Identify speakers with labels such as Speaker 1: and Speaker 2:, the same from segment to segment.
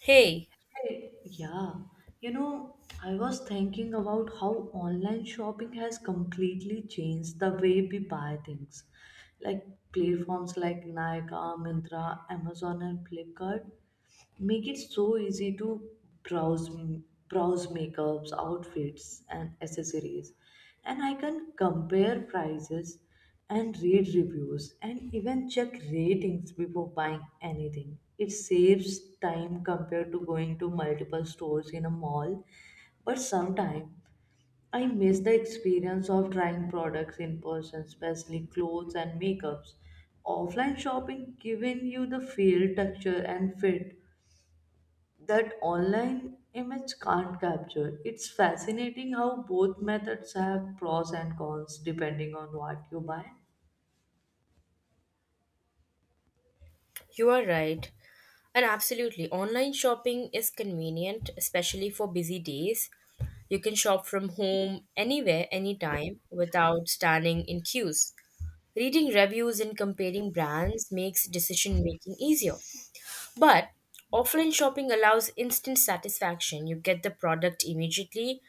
Speaker 1: Hey,
Speaker 2: Hey, Yeah, you know, I was thinking about how online shopping has completely changed the way we buy things. Like platforms like Nykaa, Myntra, Amazon, and Flipkart make it so easy to browse browse makeups, outfits, and accessories, and I can compare prices and read reviews and even check ratings before buying anything. It saves time compared to going to multiple stores in a mall. But sometimes I miss the experience of trying products in person, especially clothes and makeups. Offline shopping giving you the feel, texture, and fit that online image can't capture. It's fascinating how both methods have pros and cons depending on what you buy.
Speaker 1: you are right. And absolutely, online shopping is convenient, especially for busy days. You can shop from home, anywhere, anytime, without standing in queues. Reading reviews and comparing brands makes decision making easier. But offline shopping allows instant satisfaction. You get the product immediately.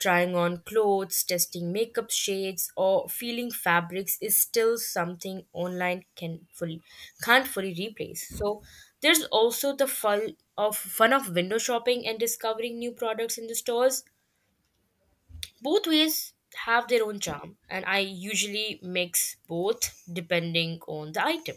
Speaker 1: Trying on clothes, testing makeup shades, or feeling fabrics is still something online can't fully replace. So there's also the fun of window shopping and discovering new products in the stores. Both ways have their own charm, and I usually mix both depending on the item.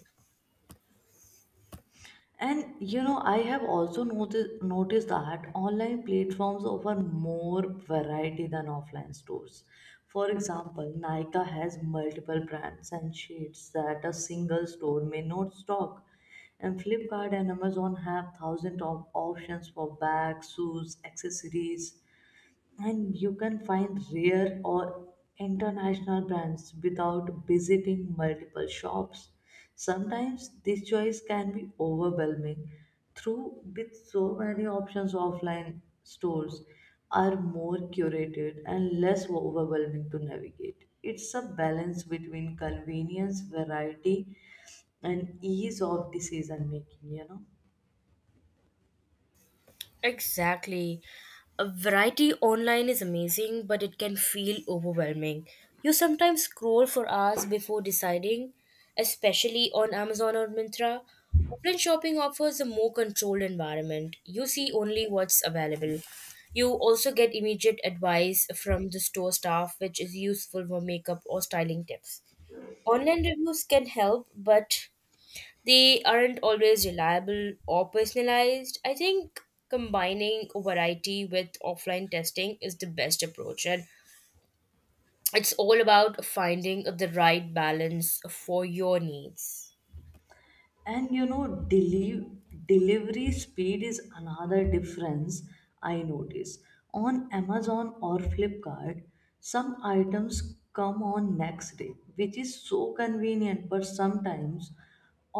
Speaker 2: And you know, I have also noticed that online platforms offer more variety than offline stores. For example, Nika has multiple brands and shades that a single store may not stock. And Flipkart and Amazon have thousands of options for bags, shoes, accessories, and you can find rare or international brands without visiting multiple shops. Sometimes this choice can be overwhelming. Through with so many options, offline stores are more curated and less overwhelming to navigate. It's a balance between convenience, variety, and ease of decision making, you know.
Speaker 1: Exactly. A variety online is amazing, but it can feel overwhelming. You sometimes scroll for hours before deciding, especially on Amazon or Mintra. Offline shopping offers a more controlled environment. You see only what's available. You also get immediate advice from the store staff, which is useful for makeup or styling tips. Online reviews can help, but they aren't always reliable or personalized. I think combining variety with offline testing is the best approach, and it's all about finding the right balance for your needs.
Speaker 2: And you know, delivery speed is another difference I notice. On Amazon or Flipkart, some items come on next day, which is so convenient, but sometimes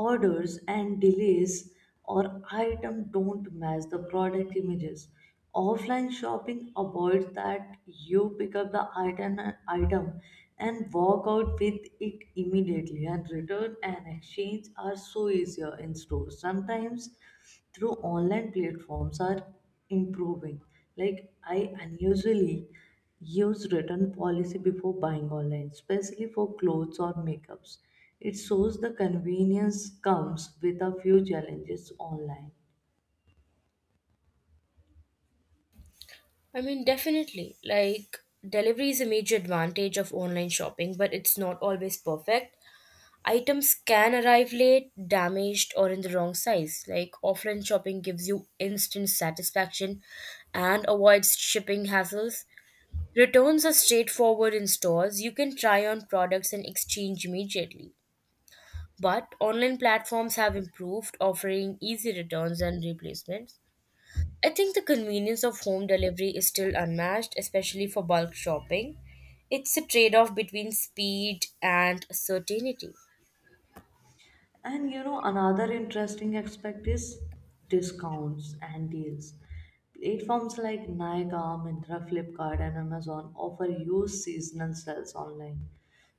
Speaker 2: orders and delays or item don't match the product images. Offline shopping avoids that. You pick up the item and walk out with it immediately, and return and exchange are so easier in stores. Sometimes through online platforms are improving, like I unusually use return policy before buying online, especially for clothes or makeups. It shows the convenience comes with a few challenges online.
Speaker 1: I mean, definitely, like delivery is a major advantage of online shopping, but it's not always perfect. Items can arrive late, damaged, or in the wrong size. Like offline shopping gives you instant satisfaction and avoids shipping hassles. Returns are straightforward in stores. You can try on products and exchange immediately. But online platforms have improved, offering easy returns and replacements. I think the convenience of home delivery is still unmatched, especially for bulk shopping. It's a trade off between speed and certainty.
Speaker 2: And you know, another interesting aspect is discounts and deals. Platforms like Nykaa, Myntra, Flipkart, and Amazon offer you seasonal sales online.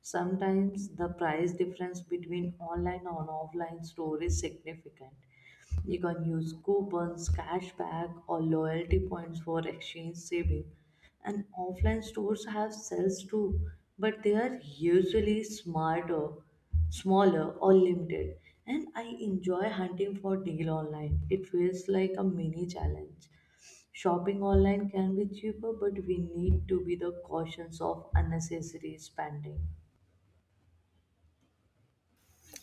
Speaker 2: Sometimes the price difference between online and offline store is significant. You can use coupons, cashback, or loyalty points for exchange saving. And offline stores have sales too, but they are usually smaller, or limited. And I enjoy hunting for deal online. It feels like a mini challenge. Shopping online can be cheaper, but we need to be the cautious of unnecessary spending.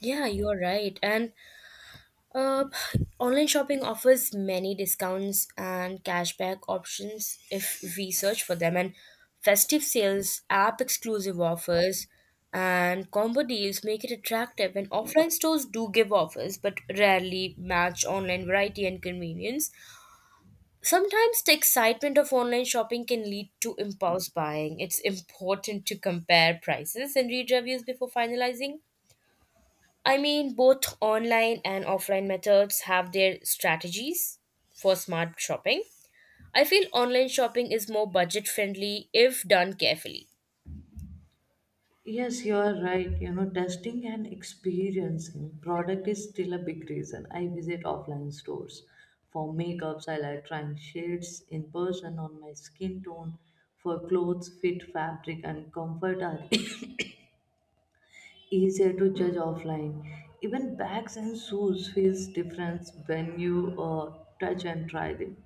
Speaker 1: Yeah, you're right. And Uh, online shopping offers many discounts and cashback options if we search for them, and festive sales, app exclusive offers, and combo deals make it attractive. And offline stores do give offers, but rarely match online variety and convenience. Sometimes the excitement of online shopping can lead to impulse buying. It's important to compare prices and read reviews before finalizing. I mean, both online and offline methods have their strategies for smart shopping. I feel online shopping is more budget friendly if done carefully.
Speaker 2: Yes, you are right. You know, testing and experiencing product is still a big reason I visit offline stores for makeups. I like trying shades in person on my skin tone. For clothes, fit, fabric, and comfort are easier to judge offline. Even bags and shoes feels different when you touch and try them.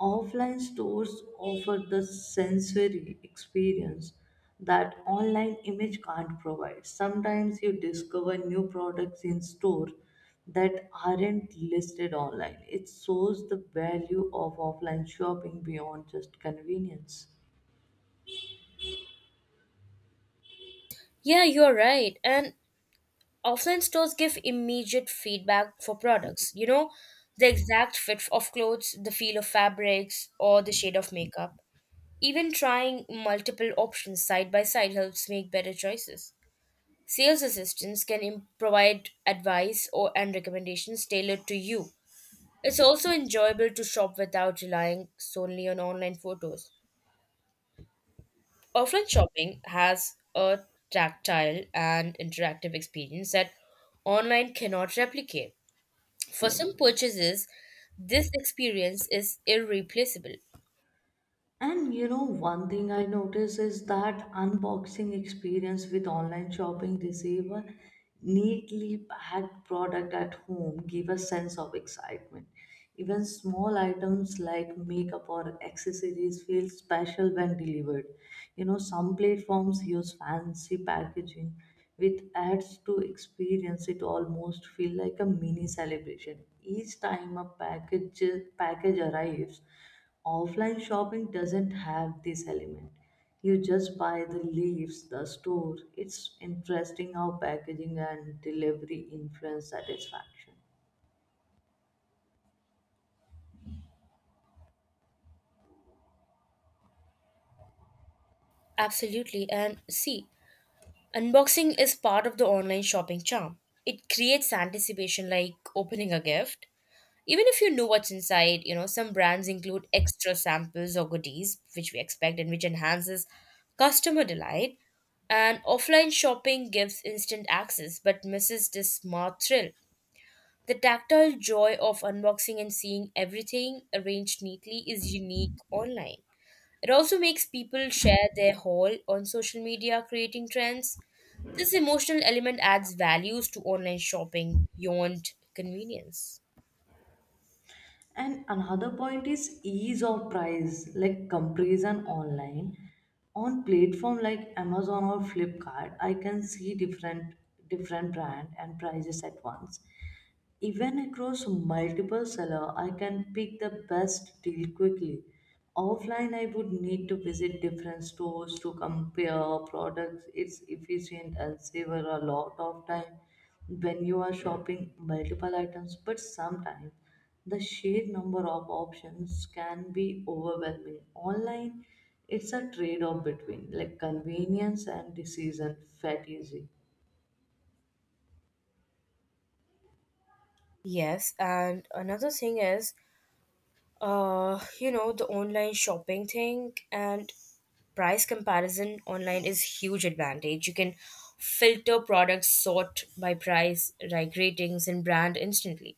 Speaker 2: Offline stores offer the sensory experience that online image can't provide. Sometimes you discover new products in store that aren't listed online. It shows the value of offline shopping beyond just convenience.
Speaker 1: Yeah, you're right. And offline stores give immediate feedback for products. You know, the exact fit of clothes, the feel of fabrics, or the shade of makeup. Even trying multiple options side by side helps make better choices. Sales assistants can provide advice or and recommendations tailored to you. It's also enjoyable to shop without relying solely on online photos. Offline shopping has a tactile and interactive experience that online cannot replicate. For some purchases, this experience is irreplaceable.
Speaker 2: And you know, one thing I notice is that unboxing experience with online shopping, receive neatly packed product at home, give a sense of excitement. Even small items like makeup or accessories feel special when delivered. You know, some platforms use fancy packaging, which adds to experience. It almost feel like a mini celebration each time a package arrives. Offline shopping doesn't have this element. You just buy the leaves, the store. It's interesting how packaging and delivery influence satisfaction.
Speaker 1: Absolutely, and see, unboxing is part of the online shopping charm. It creates anticipation like opening a gift. Even if you know what's inside, you know, some brands include extra samples or goodies, which we expect and which enhances customer delight. And offline shopping gives instant access but misses the smart thrill. The tactile joy of unboxing and seeing everything arranged neatly is unique online. It also makes people share their haul on social media, creating trends. This emotional element adds values to online shopping beyond convenience.
Speaker 2: And another point is ease of price, like comparison online. On platform like Amazon or Flipkart, I can see different brand and prices at once. Even across multiple sellers, I can pick the best deal quickly. Offline, I would need to visit different stores to compare products. It's efficient and save a lot of time when you are shopping multiple items, but sometimes the sheer number of options can be overwhelming online. It's a trade off between like convenience and decision fatigue.
Speaker 1: Yes, and another thing is, you know, the online shopping thing and price comparison online is huge advantage. You can filter products sort by price, like ratings and brand instantly.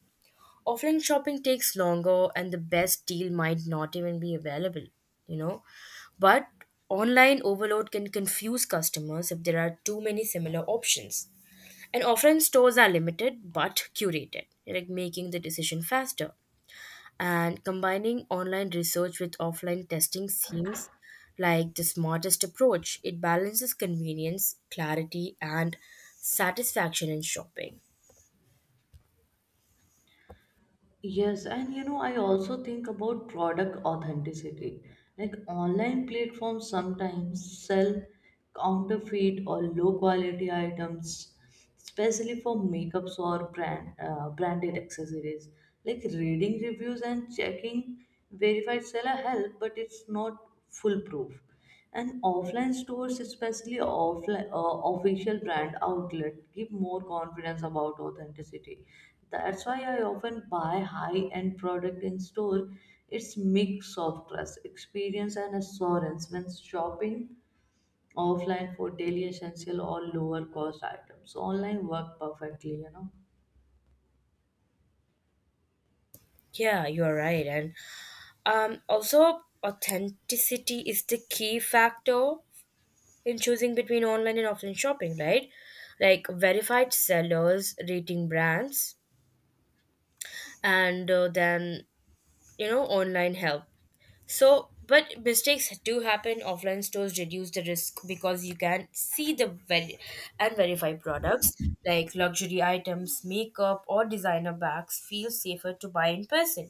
Speaker 1: Offline shopping takes longer and the best deal might not even be available, you know. But online overload can confuse customers if there are too many similar options. And offline stores are limited but curated, like making the decision faster and combining online research with offline testing seems like the smartest approach. It balances convenience, clarity, and satisfaction in shopping.
Speaker 2: Yes, and you know, I also think about product authenticity. Like online platforms sometimes sell counterfeit or low quality items, especially for makeups or branded accessories. Like reading reviews and checking verified seller help, but it's not foolproof. And offline stores, especially offline official brand outlet, give more confidence about authenticity. That's why I often buy high-end product in store. It's mix of trust, experience, and assurance. When shopping offline for daily essential or lower cost items, online work perfectly, you know.
Speaker 1: Yeah, you are right. And also, authenticity is the key factor in choosing between online and offline shopping, right? Like verified sellers, rating brands, and then, you know, online help. So, but mistakes do happen. Offline stores reduce the risk because you can and verify products like luxury items, makeup, or designer bags feel safer to buy in person.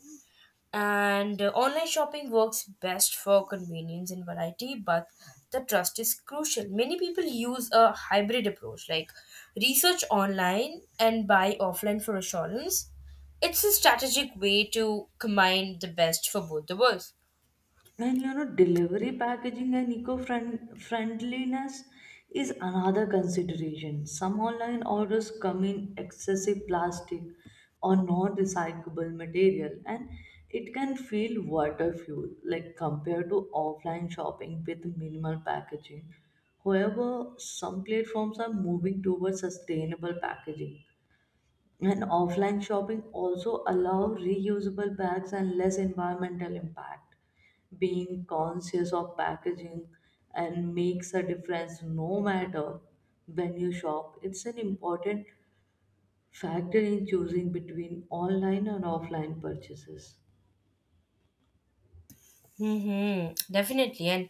Speaker 1: And online shopping works best for convenience and variety, but the trust is crucial. Many people use a hybrid approach like research online and buy offline for assurance. It's a strategic way to combine the best for both the worlds.
Speaker 2: And you know, delivery packaging and eco-friendliness is another consideration. Some online orders come in excessive plastic or non-recyclable material, and it can feel water fuel, like compared to offline shopping with minimal packaging. However, some platforms are moving towards sustainable packaging, and offline shopping also allow reusable bags and less environmental impact. Being conscious of packaging and makes a difference no matter when you shop. It's an important factor in choosing between online and offline purchases.
Speaker 1: Mm-hmm. Definitely. And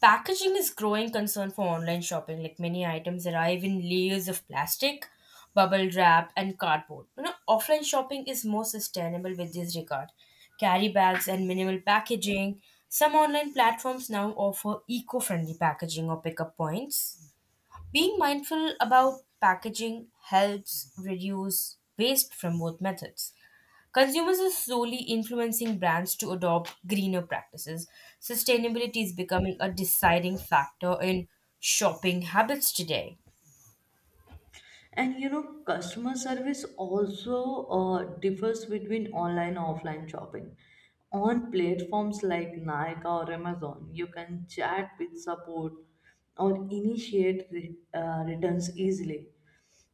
Speaker 1: packaging is growing concern for online shopping. Like many items arrive in layers of plastic, bubble wrap, and cardboard. You know, offline shopping is more sustainable with this regard. Carry bags and minimal packaging. Some online platforms now offer eco-friendly packaging or pickup points. Being mindful about packaging helps reduce waste from both methods. Consumers are slowly influencing brands to adopt greener practices. Sustainability is becoming a deciding factor in shopping habits today.
Speaker 2: And you know, customer service also differs between online and offline shopping. On platforms like Nike or Amazon, you can chat with support or initiate returns easily.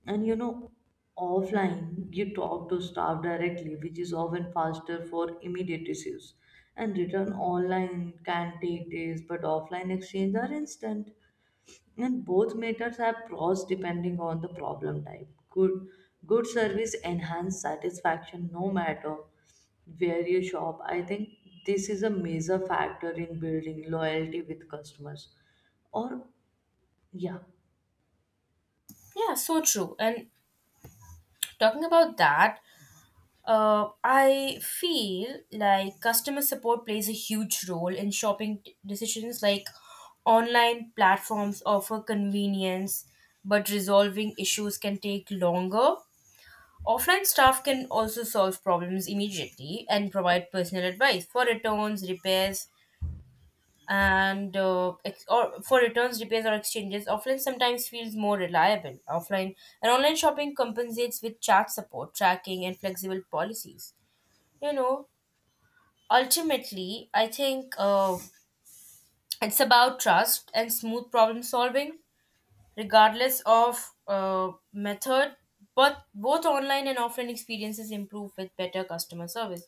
Speaker 2: And you know, offline, you talk to staff directly, which is often faster for immediate issues. And return online can take days, but offline exchange are instant. And both methods have pros depending on the problem type. Good service enhance satisfaction no matter where you shop. I think this is a major factor in building loyalty with customers. Or yeah.
Speaker 1: Yeah, so true. And talking about that, I feel like customer support plays a huge role in decisions. Like online platforms offer convenience, but resolving issues can take longer. Offline staff can also solve problems immediately and provide personal advice for returns, repairs, and or for returns, repairs, or exchanges. Offline sometimes feels more reliable. Offline and online shopping compensates with chat support, tracking, and flexible policies. You know, ultimately, I think it's about trust and smooth problem solving, regardless of method. But both online and offline experiences improve with better customer service.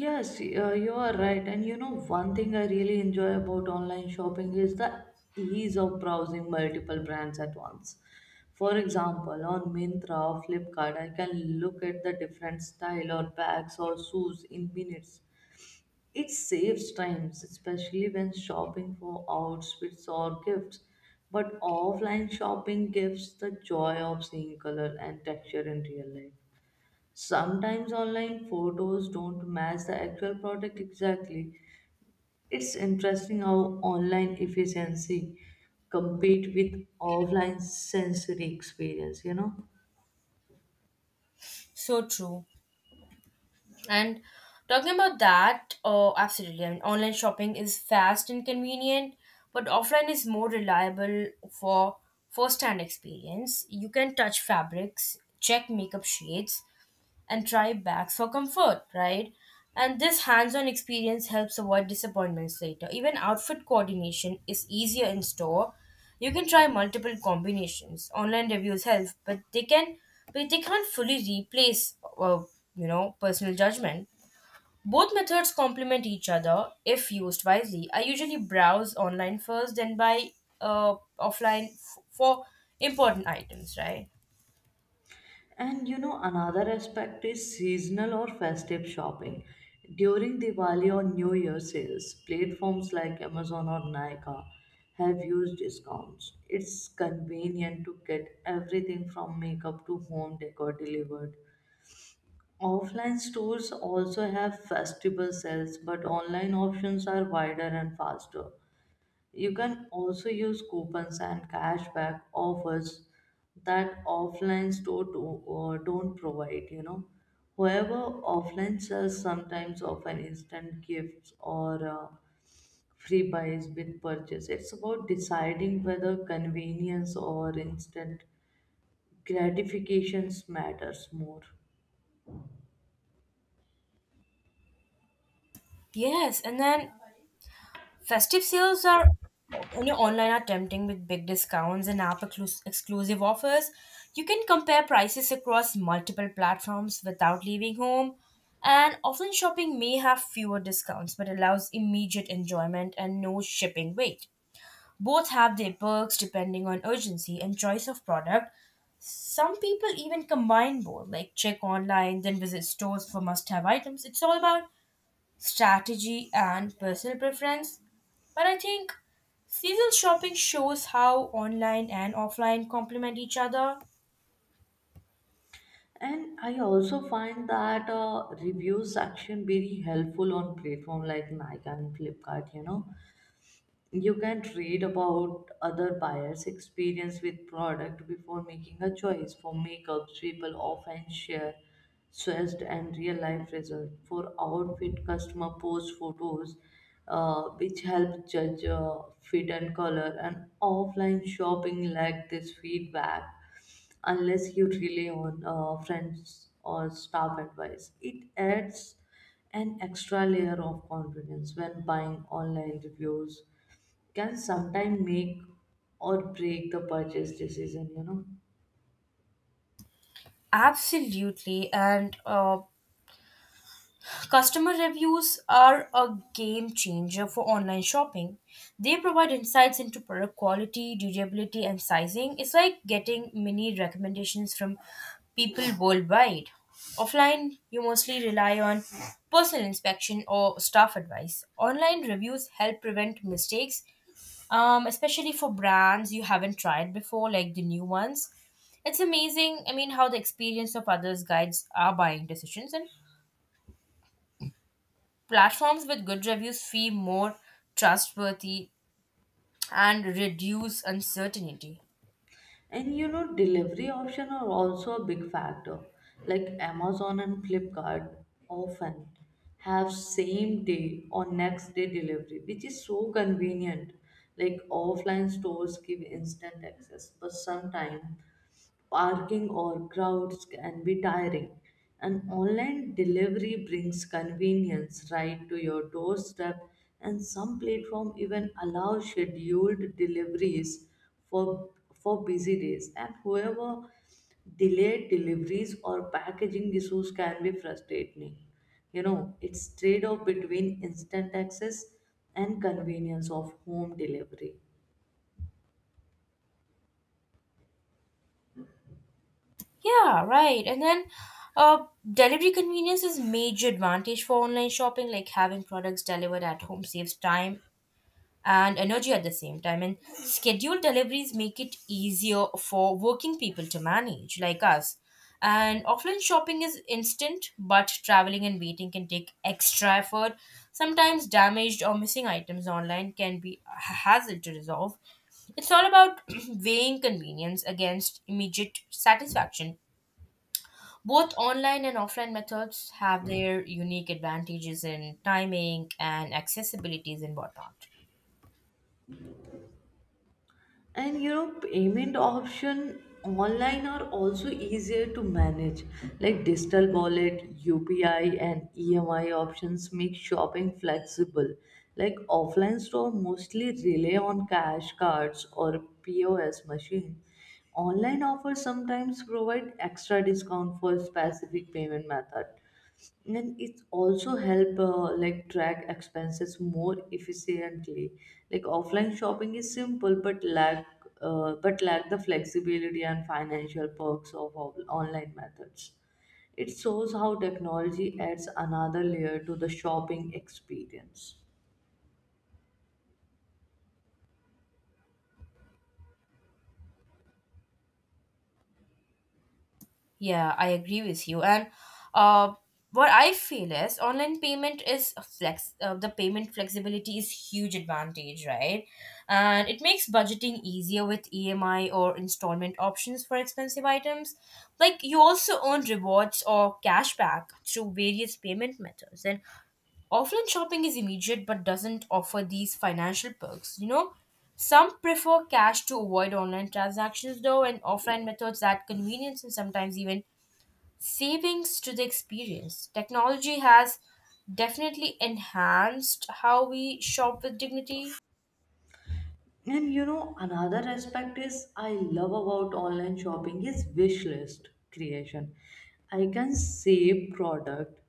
Speaker 2: Yes, you are right. And you know, one thing I really enjoy about online shopping is the ease of browsing multiple brands at once. For example, on Myntra or Flipkart, I can look at the different style or bags or shoes in minutes. It saves times, especially when shopping for outfits or gifts. But offline shopping gives the joy of seeing color and texture in real life. Sometimes online photos don't match the actual product exactly. It's interesting how online efficiency compete with offline sensory experience, you know.
Speaker 1: So true. And talking about that, oh, absolutely. I mean, online shopping is fast and convenient, but offline is more reliable for first hand experience. You can touch fabrics, check makeup shades, and try bags for comfort, right? And this hands on experience helps avoid disappointments later. Even outfit coordination is easier in store. You can try multiple combinations. Online reviews help, but they can't fully replace you know, personal judgment. Both methods complement each other if used wisely. I usually browse online first, then buy offline for important items, right?
Speaker 2: And you know, another aspect is seasonal or festive shopping. During Diwali or New Year sales, platforms like Amazon or Nykaa have used discounts. It's convenient to get everything from makeup to home decor delivered. Offline stores also have festival sales, but online options are wider and faster. You can also use coupons and cashback offers that offline store don't provide, you know. However, offline sales sometimes offer instant gifts or free buys with purchase. It's about deciding whether convenience or instant gratifications matters more.
Speaker 1: Yes, and then festive sales are, you know, online are tempting with big discounts and exclusive offers. You can compare prices across multiple platforms without leaving home. And offline shopping may have fewer discounts but allows immediate enjoyment and no shipping wait. Both have their perks depending on urgency and choice of product. Some people even combine both, like check online, then visit stores for must have items. It's all about strategy, and personal preference. But I think seasonal shopping shows how online and offline complement each other.
Speaker 2: And I also find that review section very helpful on platform like Nike and Flipkart. You know, you can read about other buyers' experience with product before making a choice. For makeups, people often share stressed and real life result. For outfit, customer post photos, which help judge fit and color. And offline shopping like this feedback unless you rely on friends or staff advice. It adds an extra layer of confidence when buying online. Reviews can sometimes make or break the purchase decision, you know.
Speaker 1: Absolutely, and customer reviews are a game changer for online shopping. They provide insights into product quality, durability, and sizing. It's like getting mini recommendations from people worldwide. Offline, you mostly rely on personal inspection or staff advice. Online reviews help prevent mistakes, especially for brands you haven't tried before, like the new ones. It's amazing, I mean, how the experience of others guides our buying decisions. And platforms with good reviews feel more trustworthy and reduce uncertainty.
Speaker 2: And you know, delivery option are also a big factor. Like Amazon and Flipkart often have same day or next day delivery, which is so convenient. Like offline stores give instant access, but sometimes parking or crowds can be tiring. And online delivery brings convenience right to your doorstep, and some platform even allow scheduled deliveries for busy days. And whoever delayed deliveries or packaging issues can be frustrating. You know, it's trade-off between instant access and convenience of home delivery.
Speaker 1: Yeah, right. And then delivery convenience is major advantage for online shopping, like having products delivered at home saves time and energy at the same time. And scheduled deliveries make it easier for working people to manage, like us. And offline shopping is instant, but traveling and waiting can take extra effort. Sometimes damaged or missing items online can be a hassle to resolve. It's all about weighing convenience against immediate satisfaction. Both online and offline methods have their unique advantages in timing and accessibilities and whatnot.
Speaker 2: And you know, payment option online are also easier to manage. Like digital wallet, UPI, and EMI options make shopping flexible. Like offline store mostly rely on cash cards or POS machine. Online offers sometimes provide extra discount for specific payment method, and it also help like track expenses more efficiently. Like offline shopping is simple but lack the flexibility and financial perks of online methods. It shows how technology adds another layer to the shopping experience.
Speaker 1: Yeah, I agree with you. And uh, what I feel is online payment is a flex. The payment flexibility is huge advantage, right? And it makes budgeting easier with EMI or installment options for expensive items. Like you also earn rewards or cashback through various payment methods. And offline shopping is immediate but doesn't offer these financial perks. You know, some prefer cash to avoid online transactions though, and offline methods add convenience and sometimes even savings to the experience. Technology has definitely enhanced how we shop with dignity.
Speaker 2: And you know, another aspect is I love about online shopping is wish list creation. I can save product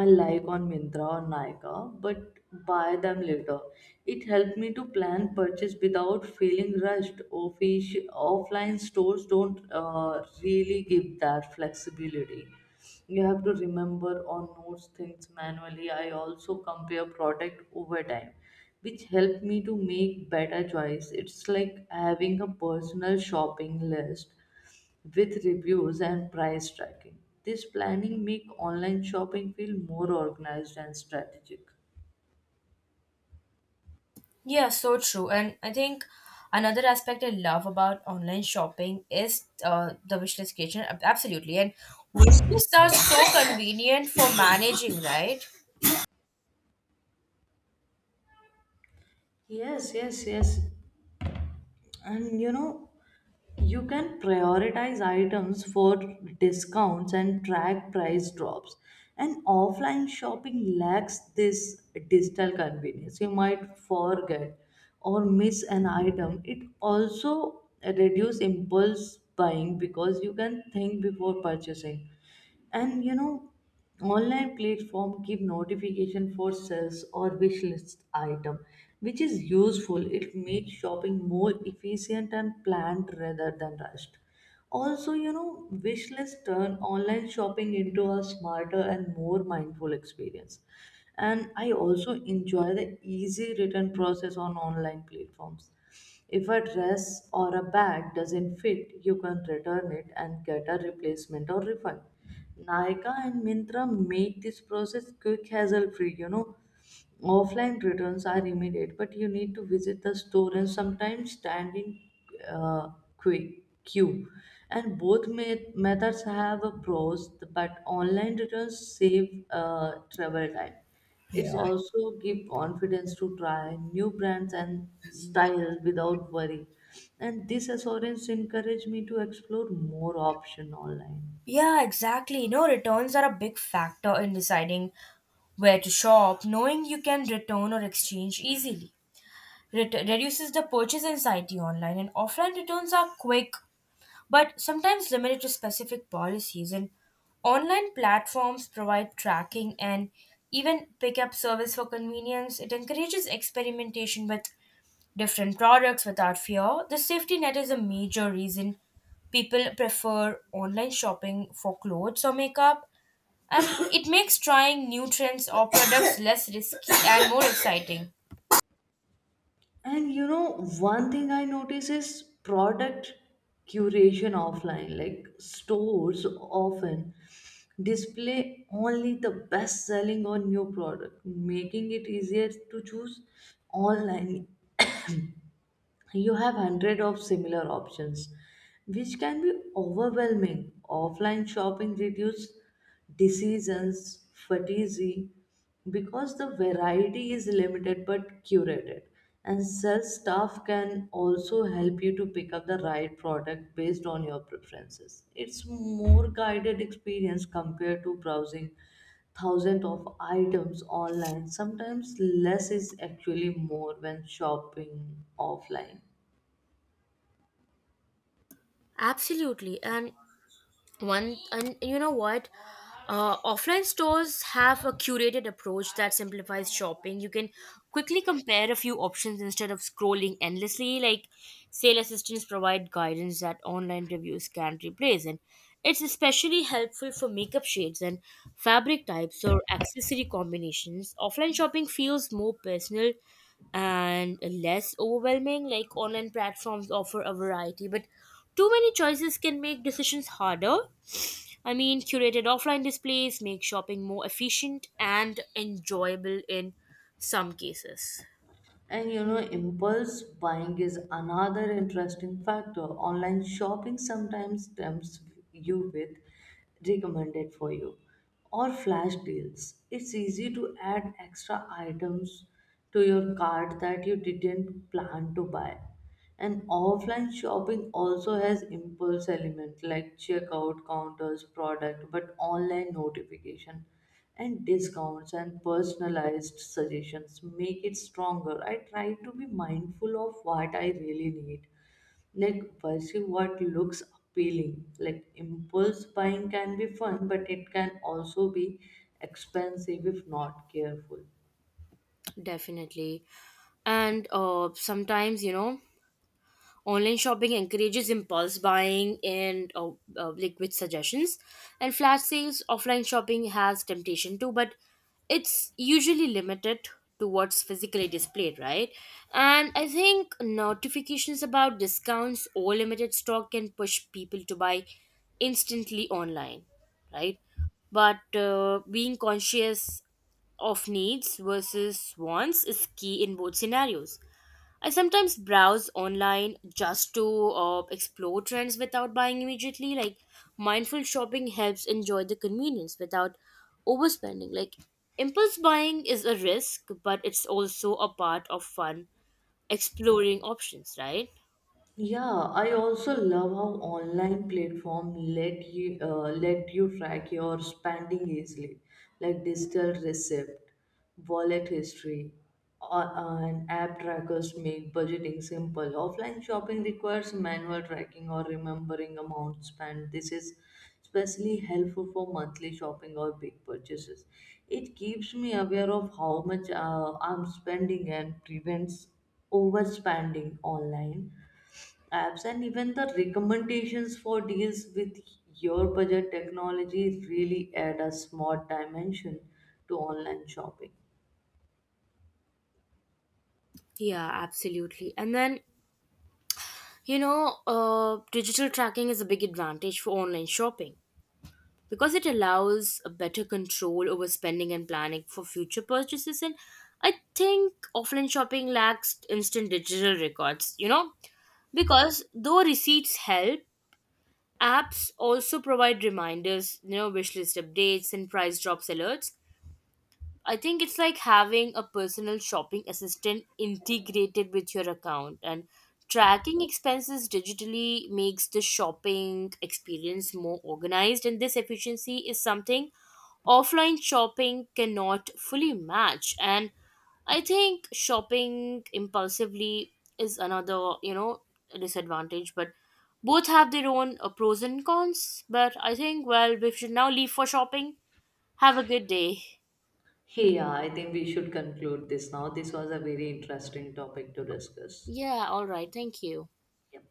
Speaker 2: I like on Mintra or Nykaa, but buy them later. It helped me to plan purchase without feeling rushed. Offline stores don't really give that flexibility. You have to remember or notes things manually. I also compare product over time, which helped me to make better choice. It's like having a personal shopping list with reviews and price tracking. This planning make online shopping feel more organized and strategic.
Speaker 1: Yeah, so true. And I think another aspect I love about online shopping is the wishlist creation. Absolutely. And wishlists are so convenient for managing, right?
Speaker 2: Yes, yes, yes. And you know, you can prioritize items for discounts and track price drops. And offline shopping lacks this digital convenience. You might forget or miss an item. It also reduces impulse buying because you can think before purchasing. And you know, online platform give notification for sales or wish list item, which is useful. It makes shopping more efficient and planned rather than rushed. Also, you know, wish list turn online shopping into a smarter and more mindful experience. And I also enjoy the easy return process on online platforms. If a dress or a bag doesn't fit, you can return it and get a replacement or refund. Nykaa and Mintra make this process quick, hassle free. You know, offline returns are immediate, but you need to visit the store and sometimes stand in uh, queue. And both methods have a pros, but online returns save travel time. It's also give confidence to try new brands and styles without worry. And this assurance encouraged me to explore more option online.
Speaker 1: Yeah, exactly. No, returns are a big factor in deciding where to shop, knowing you can return or exchange easily. Reduces the purchase anxiety online, and offline returns are quick but sometimes limited to specific policies. And online platforms provide tracking and even pickup service for convenience. It encourages experimentation with different products without fear. The safety net is a major reason people prefer online shopping for clothes or makeup, and it makes trying new trends or products less risky and more exciting.
Speaker 2: And you know, one thing I notice is product curation offline. Like stores often display only the best selling or new product, making it easier to choose. Online you have hundred of similar options, which can be overwhelming. Offline shopping reduces decisions fatigue because the variety is limited but curated, and sales staff can also help you to pick up the right product based on your preferences. It's more guided experience compared to browsing thousands of items online. Sometimes less is actually more when shopping offline.
Speaker 1: Absolutely, and one, and you know what, offline stores have a curated approach that simplifies shopping. You can quickly compare a few options instead of scrolling endlessly. Like sale assistants provide guidance that online reviews can't replace, and it's especially helpful for makeup shades and fabric types or accessory combinations. Offline shopping feels more personal and less overwhelming. Like online platforms offer a variety, but too many choices can make decisions harder. I mean, curated offline displays make shopping more efficient and enjoyable in some cases.
Speaker 2: And you know, impulse buying is another interesting factor. Online shopping sometimes tempts you with recommended for you or flash deals. It's easy to add extra items to your cart that you didn't plan to buy. And offline shopping also has impulse element like checkout counters, product, but online notification and discounts and personalized suggestions make it stronger. I try to be mindful of what I really need, like pursue what looks appealing. Like impulse buying can be fun, but it can also be expensive if not careful.
Speaker 1: Definitely. And sometimes, you know, online shopping encourages impulse buying and liquid suggestions, and flash sales. Offline shopping has temptation too, but it's usually limited to what's physically displayed, right? And I think notifications about discounts or limited stock can push people to buy instantly online, right? But being conscious of needs versus wants is key in both scenarios. I sometimes browse online just to explore trends without buying immediately. Like mindful shopping helps enjoy the convenience without overspending. Like impulse buying is a risk, but it's also a part of fun exploring options, right?
Speaker 2: Yeah, I also love how online platform let you track your spending easily, like digital receipt, wallet history, or and app trackers make budgeting simple. Offline shopping requires manual tracking or remembering amount spent. This is especially helpful for monthly shopping or big purchases. It keeps me aware of how much I'm spending and prevents overspending. Online apps and even the recommendations for deals with your budget, technology really add a smart dimension to online shopping.
Speaker 1: Yeah, absolutely. And then, you know, digital tracking is a big advantage for online shopping, because it allows a better control over spending and planning for future purchases. And I think offline shopping lacks instant digital records, you know, because though receipts help, apps also provide reminders, you know, wish list updates and price drops alerts. I think it's like having a personal shopping assistant integrated with your account, and tracking expenses digitally makes the shopping experience more organized, and this efficiency is something offline shopping cannot fully match. And I think shopping impulsively is another, you know, disadvantage, but both have their own pros and cons. But I think, well, we should now leave for shopping. Have a good day.
Speaker 2: Hey, yeah, I think we should conclude this now. This was a very interesting topic to discuss.
Speaker 1: Yeah, all right, thank you.
Speaker 2: Yep.